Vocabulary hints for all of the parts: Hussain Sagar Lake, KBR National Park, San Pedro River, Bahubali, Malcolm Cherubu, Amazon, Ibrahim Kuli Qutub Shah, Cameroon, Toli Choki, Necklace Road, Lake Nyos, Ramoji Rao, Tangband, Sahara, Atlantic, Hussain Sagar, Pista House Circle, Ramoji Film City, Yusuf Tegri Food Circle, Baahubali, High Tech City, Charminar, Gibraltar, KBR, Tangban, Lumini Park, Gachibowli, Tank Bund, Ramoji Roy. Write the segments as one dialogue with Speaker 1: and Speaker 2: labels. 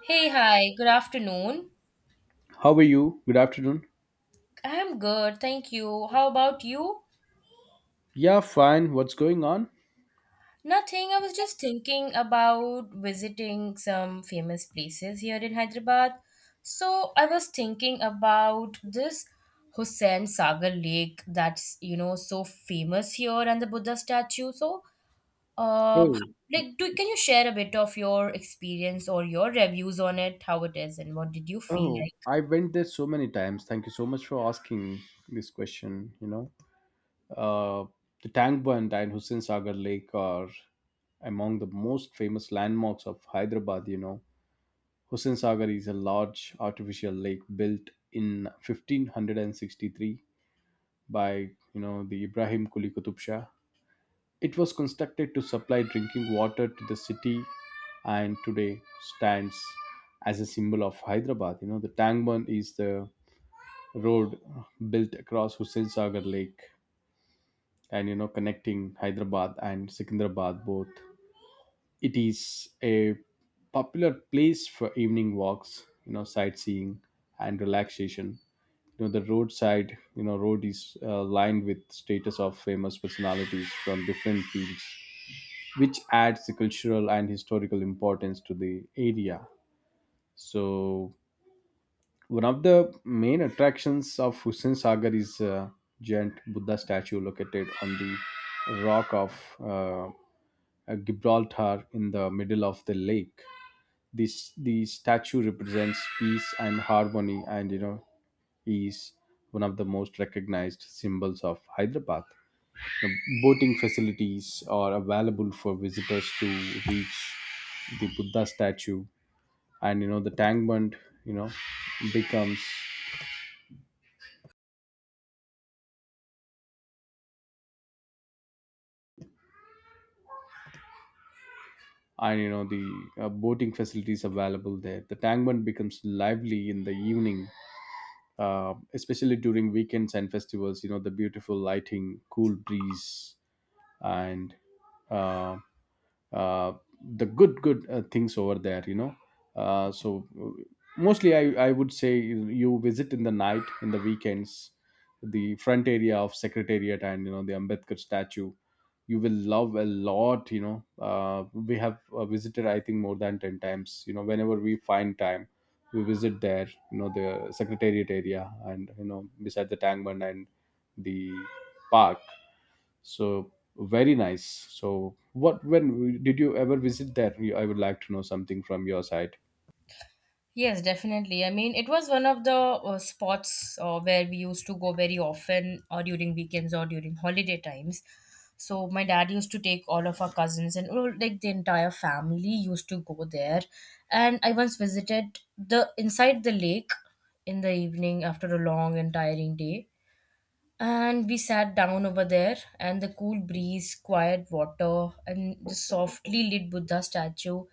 Speaker 1: Hey, hi, good afternoon.
Speaker 2: How are you? Good afternoon.
Speaker 1: I'm good, thank you. How about you?
Speaker 2: Yeah, fine. What's going on?
Speaker 1: Nothing, I was just thinking about visiting some famous places here in Hyderabad. So, I was thinking about this Hussain Sagar Lake that's, you know, so famous here and the Buddha statue. Uh,
Speaker 2: Oh,
Speaker 1: like, can you share a bit of your experience or your reviews on it, how it is, and what did you feel
Speaker 2: oh,
Speaker 1: like?
Speaker 2: I went there so many times. Thank you so much for asking this question. Uh, the Tank Bund and Hussain Sagar Lake are among the most famous landmarks of Hyderabad. You know, Hussain Sagar is a large artificial lake built in 1563 by the Ibrahim Kuli Qutub Shah. It was constructed to supply drinking water to the city, and today stands as a symbol of Hyderabad. You know, the Tangban is the road built across Hussain Sagar Lake and, you know, connecting Hyderabad and Secunderabad both. It is a popular place for evening walks, you know, sightseeing and relaxation. You know, the roadside, you know, road is lined with status of famous personalities from different fields, which adds the cultural and historical importance to the area. So, one of the main attractions of Hussain Sagar is a giant Buddha statue located on the rock of Gibraltar in the middle of the lake. This the statue represents peace and harmony, and you know is one of the most recognized symbols of Hyderabad. The boating facilities are available for visitors to reach the Buddha statue, and you know the tank bund, you know, becomes and you know the boating facilities available there. The tank bund becomes lively in the evening, especially during weekends and festivals. You know the beautiful lighting, cool breeze, and um, uh, the good things over there, uh, so uh, mostly I would say you visit in the night in the weekends, the front area of secretariat, and you know the Ambedkar statue, you will love a lot. You know, we have visited, I think, more than 10 times. You know, whenever we find time, we visit there. You know, the secretariat area and you know beside the Tangman and the park, so very nice. So what, when did you ever visit there? I would like to know something from your side.
Speaker 1: Yes, definitely. I mean, it was one of the spots where we used to go very often, or during weekends, or during holiday times. So my dad used to take all of our cousins and all, like the entire family used to go there. And I once visited the inside the lake in the evening after a long and tiring day, and we sat down over there, and the cool breeze, quiet water, and the softly lit Buddha statue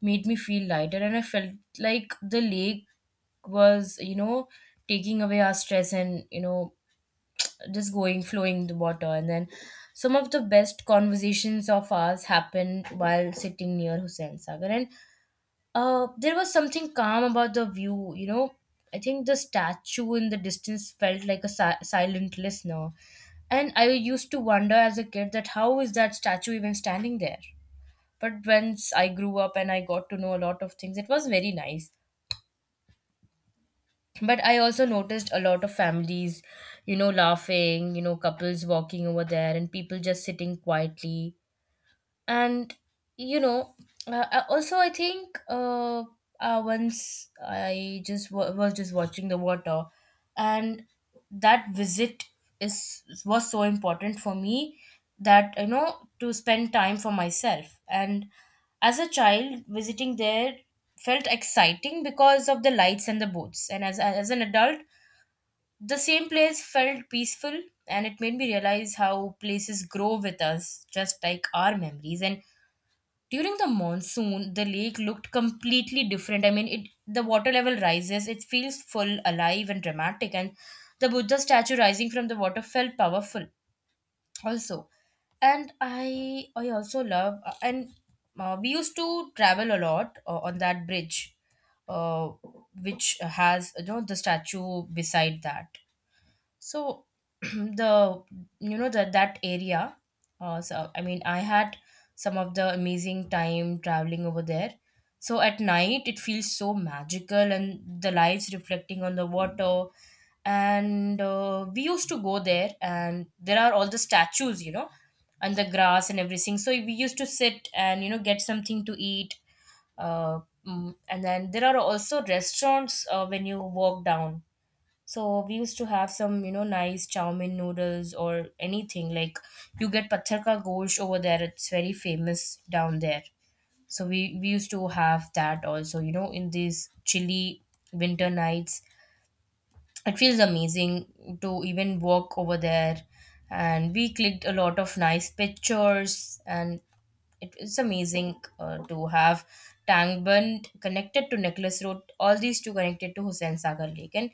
Speaker 1: made me feel lighter. And I felt like the lake was, you know, taking away our stress and, you know, just going, flowing the water. And then some of the best conversations of ours happened while sitting near Hussain Sagar. And There was something calm about the view, you know. I think the statue in the distance felt like a silent listener. And I used to wonder as a kid that how is that statue even standing there? But once I grew up and I got to know a lot of things, it was very nice. But I also noticed a lot of families, you know, laughing, you know, couples walking over there and people just sitting quietly. And you know Also, I think, once I just was just watching the water, and that visit is was so important for me, that you know, to spend time for myself. And as a child visiting there felt exciting because of the lights and the boats, and as an adult the same place felt peaceful, and it made me realize how places grow with us just like our memories. And during the monsoon the lake looked completely different. I mean, it the water level rises, it feels full, alive and dramatic. And the Buddha statue rising from the water felt powerful also. And I also love, and we used to travel a lot on that bridge, uh, which has, you know, the statue beside that. So the, you know, that area, so I mean I had some of the amazing time traveling over there. So at night it feels so magical and the lights reflecting on the water. And we used to go there and there are all the statues, you know, and the grass and everything, so we used to sit and, you know, get something to eat. uh, and then there are also restaurants when you walk down, so we used to have some, you know, nice chow mein noodles or anything. Like, you get Patthar Ka Gosht over there. It's very famous down there. So we used to have that also, you know. In these chilly winter nights it feels amazing to even walk over there, and we clicked a lot of nice pictures. And it is amazing to have Tangband connected to Necklace Road, all these two connected to Hussain Sagar Lake, and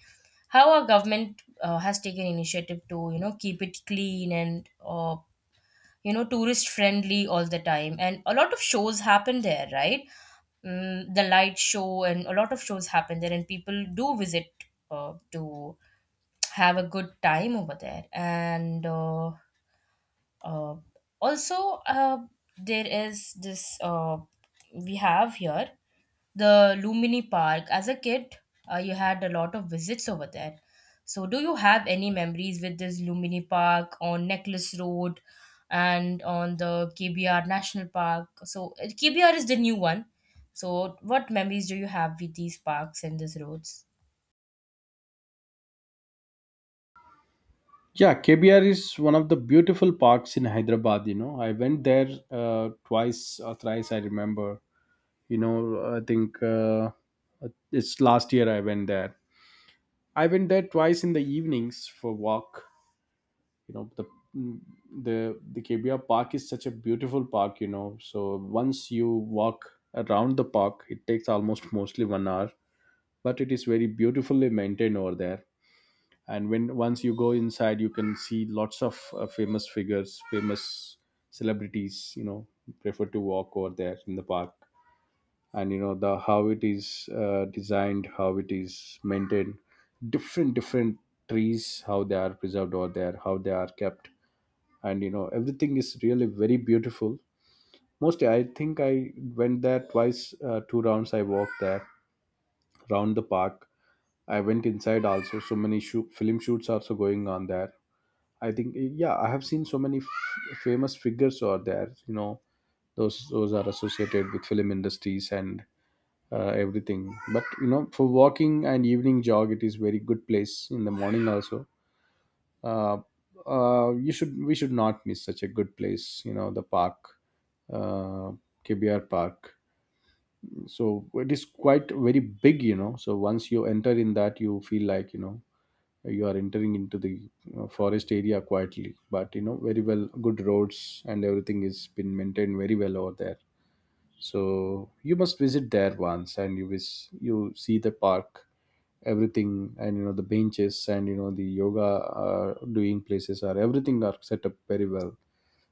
Speaker 1: how our government has taken initiative to, you know, keep it clean and, you know, tourist friendly all the time, and a lot of shows happen there, right? Mm, the light show and a lot of shows happen there, and people do visit to have a good time over there. And uh, also There is this we have here the Lumini Park. As a kid, you had a lot of visits over there. So, do you have any memories with this Lumini Park on Necklace Road and on the KBR National Park? So, KBR is the new one. So, what memories do you have with these parks and these roads?
Speaker 2: Yeah, KBR is one of the beautiful parks in Hyderabad. You know, I went there twice or thrice, I remember. You know, I think it's last year I went there. I went there twice in the evenings for walk. You know, the KBR park is such a beautiful park. You know, so once you walk around the park, it takes almost mostly 1 hour, but it is very beautifully maintained over there. And when once you go inside, you can see lots of famous figures, famous celebrities, you know, prefer to walk over there in the park. And you know the how it is designed, how it is maintained, different trees, how they are preserved over there, how they are kept. And you know everything is really very beautiful. Mostly, I think I went there twice, two rounds I walked there, round the park. I went inside also. So many film shoots also going on there. I think, yeah, I have seen so many famous figures are there. You know, those are associated with film industries and everything. But you know, for walking and evening jog, it is very good place in the morning also. Uh, you should we should not miss such a good place. You know, the park, uh, KBR Park. So it is quite very big. You know, so once you enter in that, you feel like you know you are entering into the forest area quietly, but you know very well good roads and everything is been maintained very well over there. So you must visit there once, and you wish you see the park, everything, and you know the benches, and you know the yoga doing places are everything are set up very well.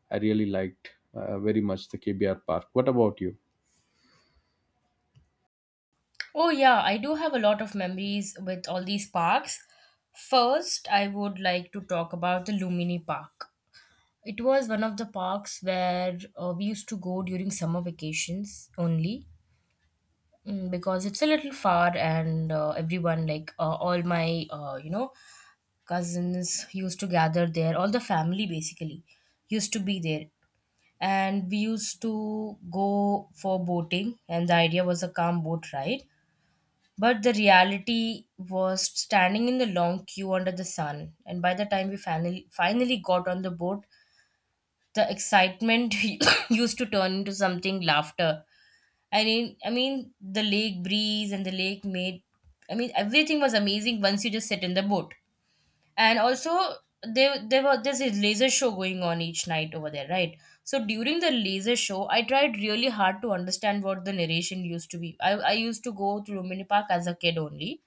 Speaker 2: I really liked, very much, the KBR park. What about you?
Speaker 1: Oh, yeah, I do have a lot of memories with all these parks. First, I would like to talk about the Lumini Park. It was one of the parks where we used to go during summer vacations only, mm, because it's a little far, and everyone, like all my, you know, cousins used to gather there. All the family basically used to be there. And we used to go for boating, and the idea was a calm boat ride, but the reality was standing in the long queue under the sun, and by the time we finally got on the boat, the excitement used to turn into something laughter. I mean, the lake breeze and the lake made. I mean, everything was amazing once you just sit in the boat. And also, there's a laser show going on each night over there, right? So during the laser show, I tried really hard to understand what the narration used to be. I used to go to Lumini Park as a kid only,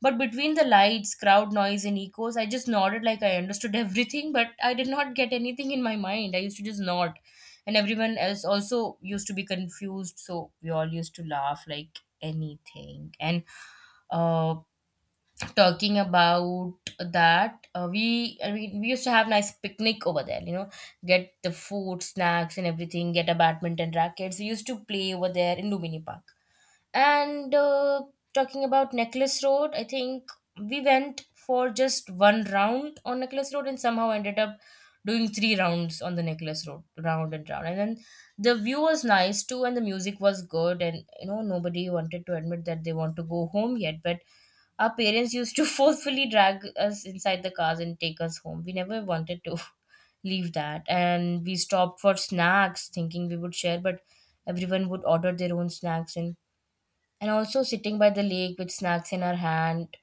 Speaker 1: but between the lights, crowd noise, and echoes, I just nodded like I understood everything, but I did not get anything in my mind. I used to just nod. And everyone else also used to be confused, so we all used to laugh like anything. And uh, Talking about that, we I mean we used to have nice picnic over there. You know, get the food, snacks, and everything. Get a badminton rackets. We used to play over there in Lumini Park. And Talking about Necklace Road, I think we went for just one round on Necklace Road and somehow ended up doing three rounds on the Necklace Road, round and round. And then the view was nice too, and the music was good. And you know, nobody wanted to admit that they want to go home yet, but our parents used to forcefully drag us inside the cars and take us home. We never wanted to leave that. And we stopped for snacks, thinking we would share, but everyone would order their own snacks. And also sitting by the lake with snacks in our hand,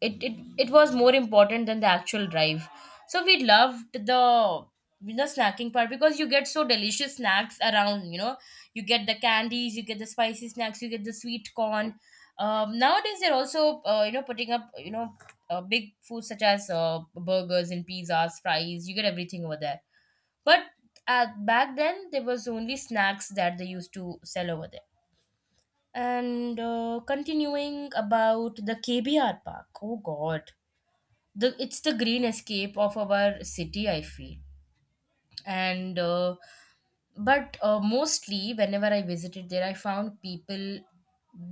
Speaker 1: it was more important than the actual drive. So we loved the snacking part, because you get so delicious snacks around, you know. You get the candies, you get the spicy snacks, you get the sweet corn. Nowadays they're also, you know, putting up, you know, big foods such as burgers and pizzas, fries, you get everything over there. But back then there was only snacks that they used to sell over there. And Continuing about the KBR Park. Oh God, the it's the green escape of our city, I feel. And but Mostly whenever I visited there, I found people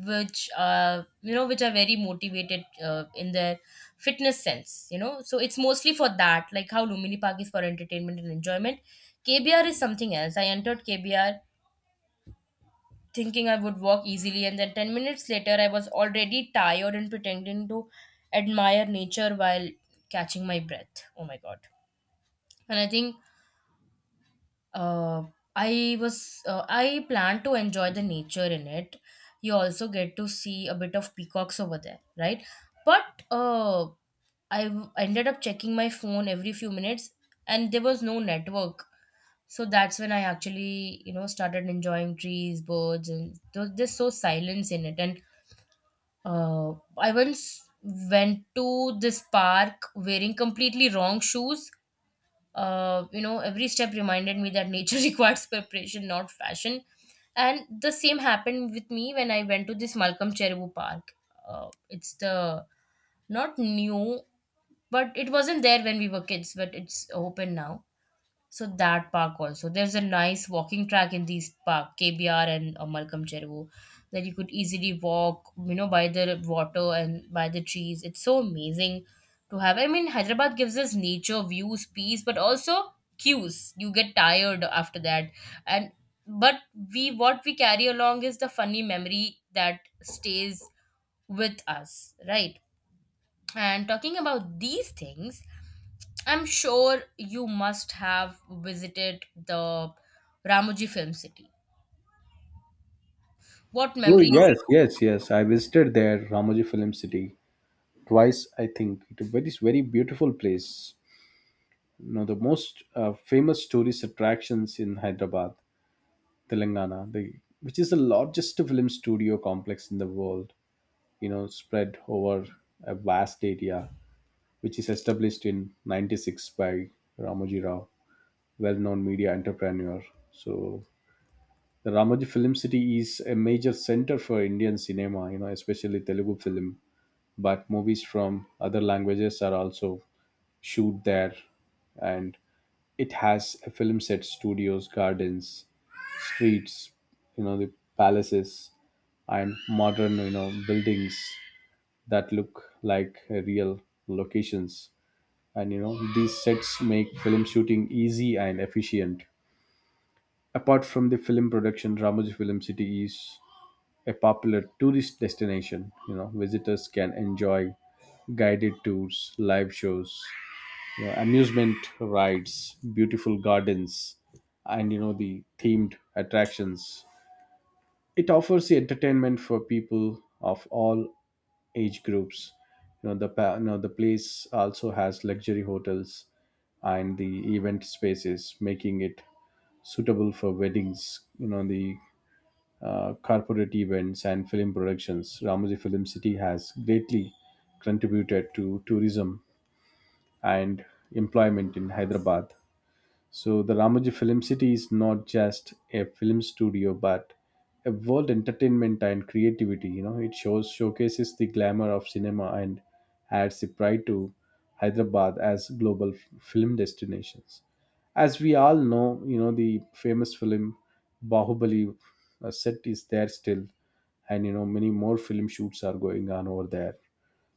Speaker 1: which are, you know, which are very motivated in their fitness sense. You know, so it's mostly for that. Like how Lumini Park is for entertainment and enjoyment. KBR is something else. I entered KBR thinking I would walk easily, and then 10 minutes later, I was already tired and pretending to admire nature while catching my breath. Oh my god. And I think, uh, I was, I plan to enjoy the nature in it. You also get to see a bit of peacocks over there, right? But I ended up checking my phone every few minutes, and there was no network. So that's when I actually, you know, started enjoying trees, birds, and there's so silence in it. And I once went to this park wearing completely wrong shoes. You know, every step reminded me that nature requires preparation, not fashion. And the same happened with me when I went to this Malcolm Cherubu Park. It's the Not new, but it wasn't there when we were kids, but it's open now. So that park also. There's a nice walking track in these park, KBR and Malcolm Chervo, that you could easily walk, you know, by the water and by the trees. It's so amazing to have. I mean, Hyderabad gives us nature, views, peace, but also cues. You get tired after that. And but we what we carry along is the funny memory that stays with us, right? And talking about these things, I'm sure you must have visited the Ramoji Film City. What
Speaker 2: Oh,
Speaker 1: memories?
Speaker 2: yes, yes, yes, I visited there, Ramoji Film City, twice. I think it a very, very beautiful place. Know the most famous tourist attractions in Hyderabad, Telangana, the, which is the largest film studio complex in the world. You know, spread over a vast area, which is established in '96 by Ramoji Rao, well-known media entrepreneur. So the Ramoji Film City is a major center for Indian cinema. You know, especially Telugu film, but movies from other languages are also shoot there. And it has a film set, studios, gardens, streets, you know, the palaces and modern, you know, buildings that look like real locations. And you know, these sets make film shooting easy and efficient. Apart from the film production, Ramoji Film City is a popular tourist destination. You know, visitors can enjoy guided tours, live shows, you know, amusement rides, beautiful gardens, and you know the themed attractions. It offers the entertainment for people of all age groups. You know the place also has luxury hotels and the event spaces, making it suitable for weddings. You know the corporate events and film productions. Ramoji Film City has greatly contributed to tourism and employment in Hyderabad. So the Ramoji Film City is not just a film studio, but a world entertainment and creativity. You know, it shows showcases the glamour of cinema and adds the pride to Hyderabad as global film destinations. As we all know, you know the famous film Bahubali set is there still, and you know many more film shoots are going on over there.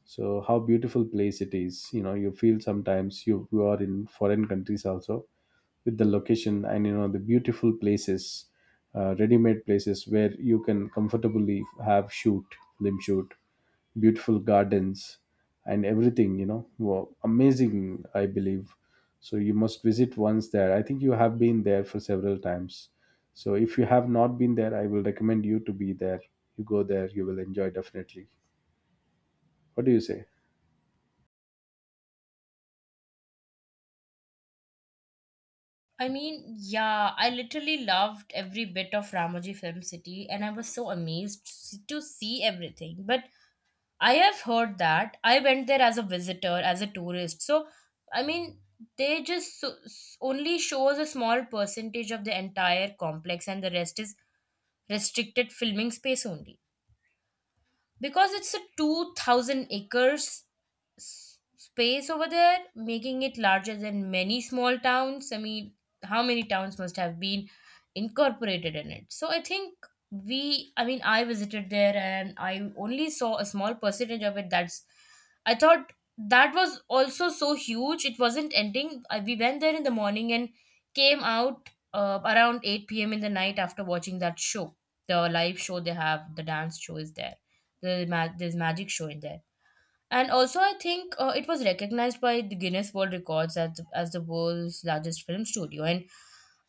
Speaker 2: So how beautiful place it is, you know, you feel sometimes you are in foreign countries also, with the location and you know the beautiful places, ready-made places where you can comfortably have shoot, film shoot, beautiful gardens, and everything, you know. Wow, amazing, I believe. So you must visit once there. I think you have been there for several times, so if you have not been there, I will recommend you to be there. You go there, you will enjoy definitely. What do you say?
Speaker 1: I mean, yeah, I literally loved every bit of Ramoji Film City and I was so amazed to see everything. But I have heard that I went there as a visitor, as a tourist. So, I mean, they just so, s- Only shows a small percentage of the entire complex, and the rest is restricted filming space only because it's a 2,000 acres s- space over there, making it larger than many small towns. I mean, how many towns must have been incorporated in it? So I think I visited there and I only saw a small percentage of it. I thought that was also so huge. It wasn't ending. We went there in the morning and came out around 8 p.m. in the night after watching that show. The live show they have, the dance show is there. There's magic show in there, and also I think it was recognized by the Guinness World Records as as the world's largest film studio. And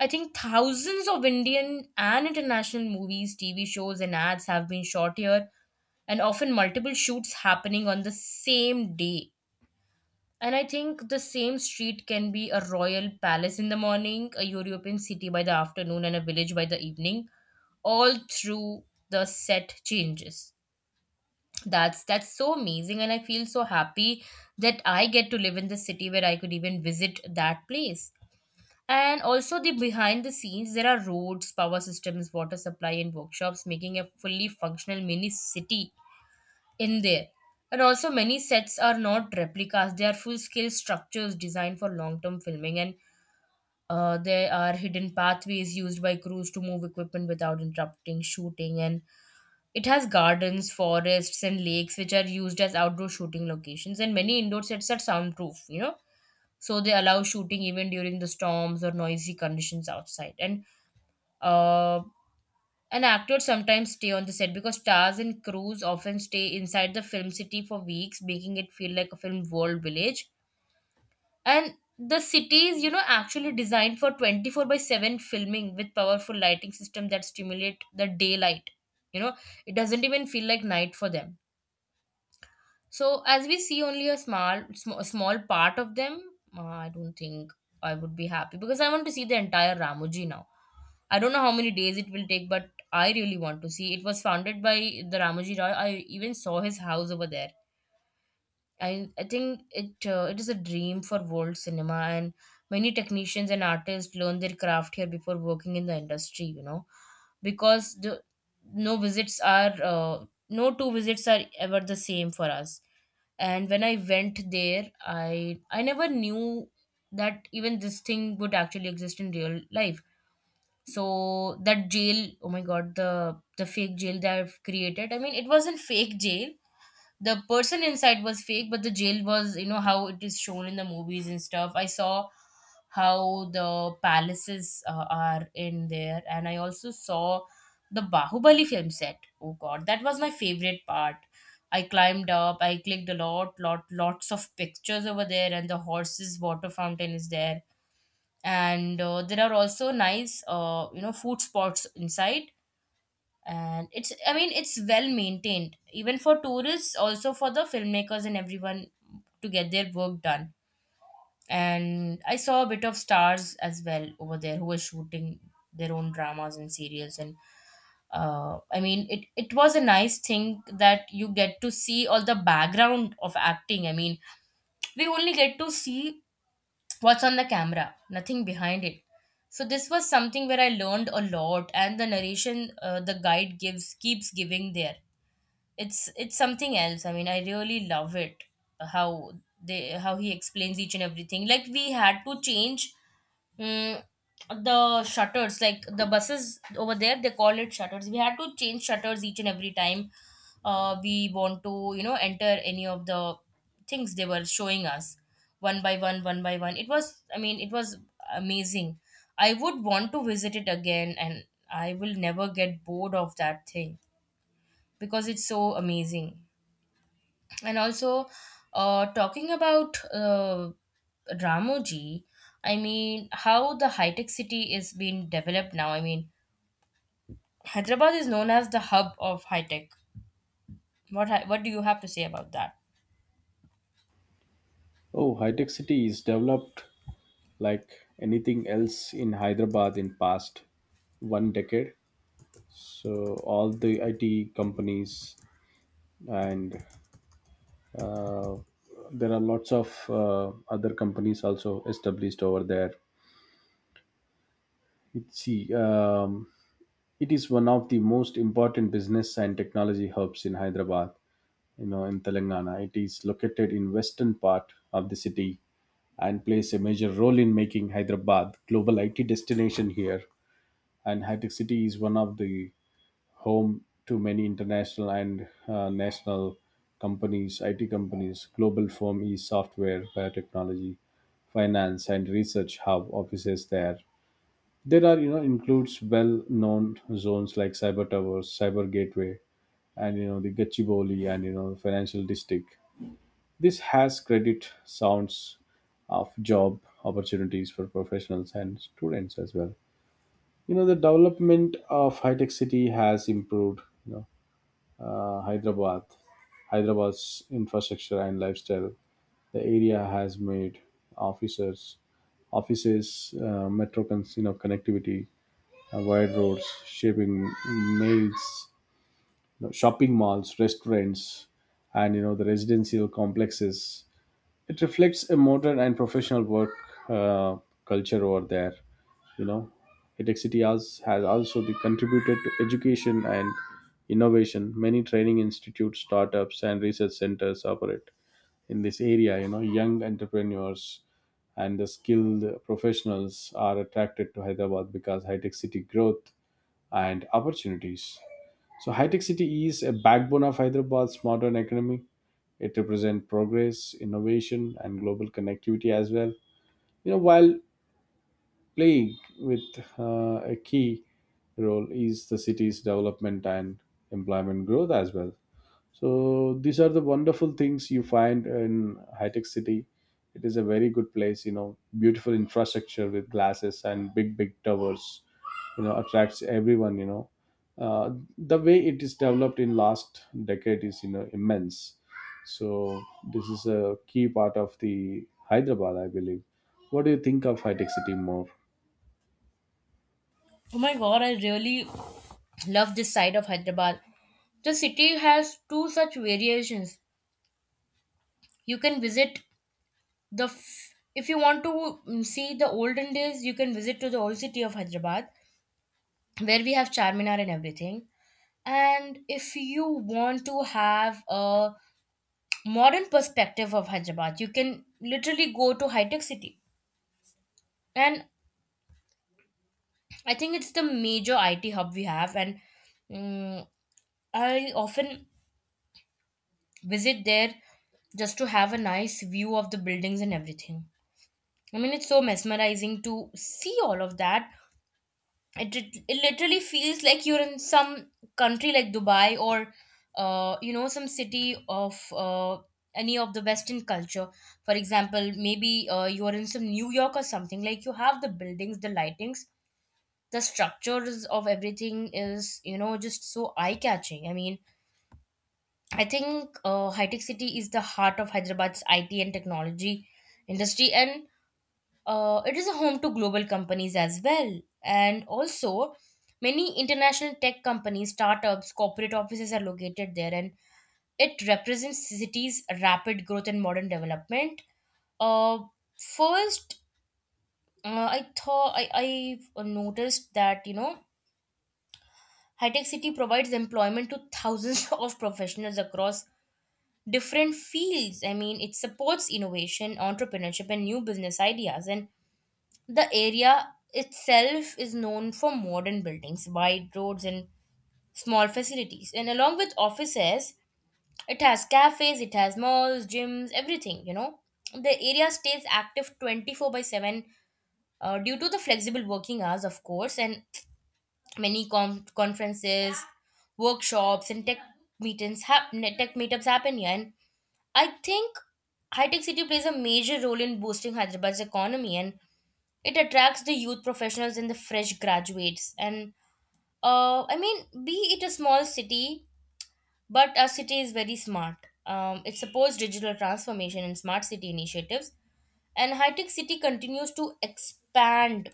Speaker 1: I think thousands of Indian and international movies, TV shows, and ads have been shot here, and often multiple shoots happening on the same day. And I think the same street can be a royal palace in the morning, a European city by the afternoon, and a village by the evening, all through the set changes. That's so amazing, and I feel so happy that I get to live in the city where I could even visit that place. And also, the behind the scenes, there are roads, power systems, water supply, and workshops, making a fully functional mini city in there. And also, many sets are not replicas, they are full scale structures designed for long term filming. And there are hidden pathways used by crews to move equipment without interrupting shooting. And it has gardens, forests, and lakes, which are used as outdoor shooting locations, and many indoor sets are soundproof, you know, so they allow shooting even during the storms or noisy conditions outside. And uh, an actor sometimes stay on the set because stars and crews often stay inside the film city for weeks, making it feel like a film world village. And the city is, you know, actually designed for 24 by 7 filming with powerful lighting system that stimulate the daylight. You know, it doesn't even feel like night for them. So as we see only a small part of them, I don't think I would be happy because I want to see the entire Ramoji now. I don't know how many days it will take, but I really want to see. It was founded by the Ramoji Roy. I even saw his house over there. I think it is a dream for world cinema, and many technicians and artists learn their craft here before working in the industry. You know, because the no visits are no two visits are ever the same for us. And when I went there, I never knew that even this thing would actually exist in real life. So that jail, oh my god, the fake jail that I've created. I mean, it wasn't fake jail, the person inside was fake, but the jail was, you know, how it is shown in the movies and stuff. I saw how the palaces are in there, and I also saw the Bahubali film set. Oh god, that was my favorite part. I climbed up, I clicked a lots of pictures over there, and the horses water fountain is there. And there are also nice you know, food spots inside. And it's, I mean, it's well maintained even for tourists, also for the filmmakers and everyone to get their work done. And I saw a bit of stars as well over there, who were shooting their own dramas and serials. And I mean, it was a nice thing that you get to see all the background of acting. I mean, we only get to see what's on the camera, nothing behind it. So this was something where I learned a lot, and the narration, the guide gives keeps giving there, it's something else. I mean, I really love it how they how he explains each and everything. Like, we had to change mm the shutters. Like the buses over there, they call it shutters. We had to change shutters each and every time we want to, you know, enter any of the things they were showing us. One by one, it was, I mean, it was amazing. I would want to visit it again, and I will never get bored of that thing because it's so amazing. And also, talking about Ramoji, I mean, how the high tech city is being developed now. I mean, Hyderabad is known as the hub of high tech. What do you have to say about that?
Speaker 2: Oh, High Tech City is developed like anything else in Hyderabad in past one decade. So all the IT companies and uh, there are lots of other companies also established over there. Let's see. It is one of the most important business and technology hubs in Hyderabad, you know, in Telangana. It is located in western part of the city and plays a major role in making Hyderabad global IT destination here. And Hightech City is one of the home to many international and national companies, IT companies. Global firm is software, biotechnology, finance, and research have offices there. There are, you know, includes well-known zones like cyber towers, cyber gateway, and you know the Gachibowli and you know financial district. This has credit sounds of job opportunities for professionals and students as well. You know the development of high-tech city has improved. You know uh, Hyderabad, Hyderabad's infrastructure and lifestyle. The area has made officers offices, metro, you know, connectivity, wide roads, shipping mails, you know, shopping malls, restaurants, and you know the residential complexes. It reflects a modern and professional work uh, culture over there. You know, Hitech City has also the contributed to education and innovation. Many training institutes, startups, and research centers operate in this area. You know, young entrepreneurs and the skilled professionals are attracted to Hyderabad because high tech city growth and opportunities. So, high tech city is a backbone of Hyderabad's modern economy. It represents progress, innovation, and global connectivity as well. You know, while playing with a key role is the city's development and employment growth as well. So these are the wonderful things you find in high tech city. It is a very good place. You know, beautiful infrastructure with glasses and big big towers, you know, attracts everyone. You know, uh, the way it is developed in last decade is, you know, immense. So this is a key part of the Hyderabad, I believe. What do you think of high tech city more?
Speaker 1: Oh my god, I really love this side of Hyderabad. The city has two such variations. You can visit if you want to see the olden days, you can visit to the old city of Hyderabad, where we have Charminar and everything. And if you want to have a modern perspective of Hyderabad, you can literally go to high tech city. And I think it's the major IT hub we have. And mm, I often visit there just to have a nice view of the buildings and everything. I mean, it's so mesmerizing to see all of that. It it literally feels like you're in some country like Dubai, or you know, some city of any of the western culture. For example, maybe you're in some New York or something. Like, you have the buildings, the lightings, the structures of everything is, you know, just so eye catching. I mean, I think high tech city is the heart of Hyderabad's IT and technology industry. And it is a home to global companies as well. And also, many international tech companies, startups, corporate offices are located there, and it represents the cities' rapid growth and modern development. Uh, first, I thought I noticed that, you know, high tech city provides employment to thousands of professionals across different fields. I mean, it supports innovation, entrepreneurship, and new business ideas. And the area itself is known for modern buildings, wide roads, and small facilities. And along with offices, it has cafes, it has malls, gyms, everything, you know. The area stays active 24 by 7 due to the flexible working hours, of course. And many conferences, workshops, and tech tech meetups happen here. And I think High Tech City plays a major role in boosting Hyderabad's economy, and it attracts the youth professionals and the fresh graduates. And I mean, be it a small city, but our city is very smart. It supports digital transformation and smart city initiatives. And high tech city continues to expand.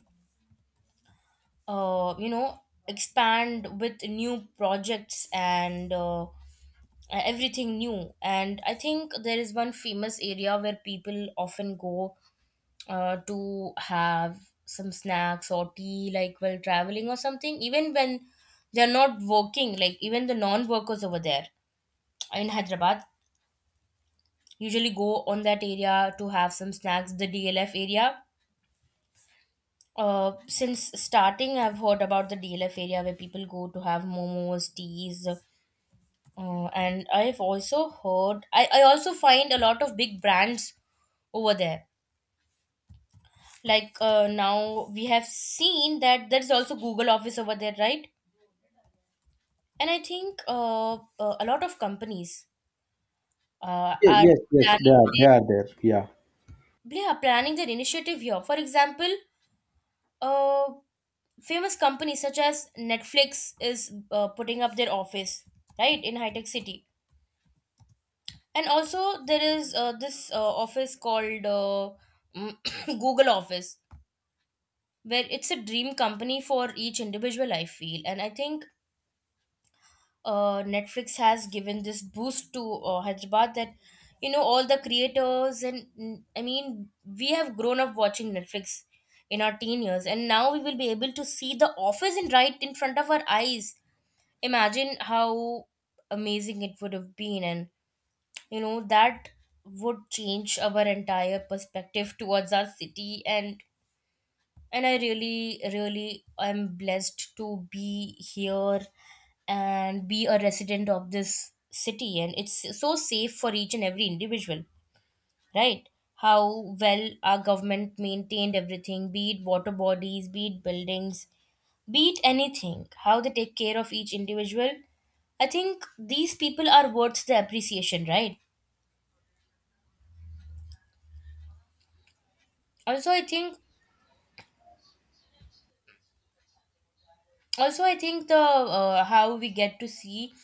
Speaker 1: You know, expand with new projects and everything new. And I think there is one famous area where people often go to have some snacks or tea, like while traveling or something, even when they're not working, like even the non-workers over there in Hyderabad usually go on that area to have some snacks, the DLF area. Since starting, I've heard about the DLF area where people go to have momos, teas. And I've also heard, I also find a lot of big brands over there, like now we have seen that there's also Google office over there, right? And I think a lot of companies
Speaker 2: Yeah.
Speaker 1: are
Speaker 2: Yes, yes,
Speaker 1: planning
Speaker 2: they are there. Yeah.
Speaker 1: yeah, planning their initiative here. For example, uh, famous companies such as Netflix is putting up their office right in high tech city. And also, there is this office called Google office, where it's a dream company for each individual, I feel. And I think Netflix has given this boost to Hyderabad, that, you know, all the creators, and I mean, we have grown up watching Netflix in our teen years, and now we will be able to see the office in right in front of our eyes. Imagine how amazing it would have been. And you know that would change our entire perspective towards our city. And and I really really am blessed to be here and be a resident of this city, and it's so safe for each and every individual, right? How well our government maintained everything, be it water bodies, be it buildings, be it anything, how they take care of each individual. I think these people are worth the appreciation, right? Also, I think, the how we get to see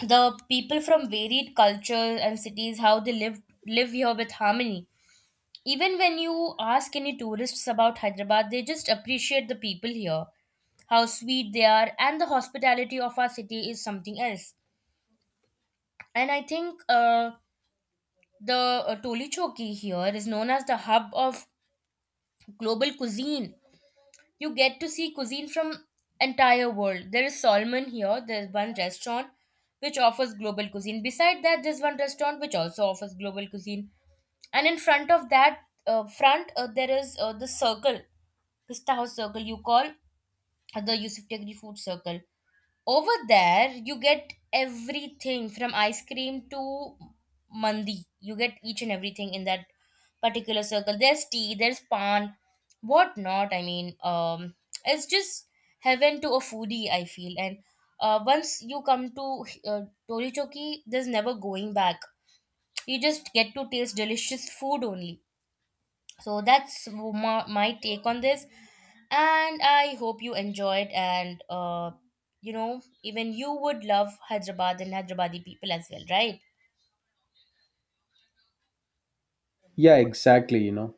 Speaker 1: the people from varied cultures and cities, how they live live here with harmony. Even when you ask any tourists about Hyderabad, they just appreciate the people here, how sweet they are, and the hospitality of our city is something else. And I think the Toli Choki here is known as the hub of global cuisine. You get to see cuisine from entire world. There is Solomon here. There's one restaurant which offers global cuisine. Beside that, there's one restaurant which also offers global cuisine. And in front of that, front there is the circle, Pista House Circle. You call the Yusuf Tegri Food Circle. Over there, you get everything from ice cream to mandi. You get each and everything in that particular circle. There's tea, there's pan, whatnot. I mean, it's just heaven to a foodie, I feel. And once you come to Tori Choki, there's never going back. You just get to taste delicious food only. So that's my take on this. And I hope you enjoyed, and you know, even you would love Hyderabad and Hyderabadi people as well, right?
Speaker 2: Yeah, exactly, you know.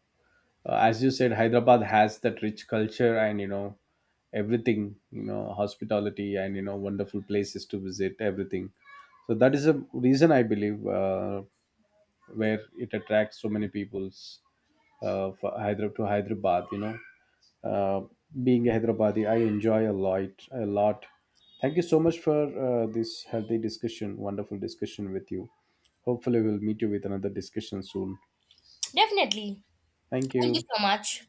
Speaker 2: As you said, Hyderabad has that rich culture and you know everything, you know hospitality and you know wonderful places to visit everything. So that is a reason I believe, where it attracts so many peoples, for Hyderabad, to Hyderabad, you know. uh, being a Hyderabadi, I enjoy a lot a lot. Thank you so much for this healthy discussion, wonderful discussion with you. Hopefully we'll meet you with another discussion soon.
Speaker 1: Definitely.
Speaker 2: Thank
Speaker 1: Thank you
Speaker 2: you.
Speaker 1: so much.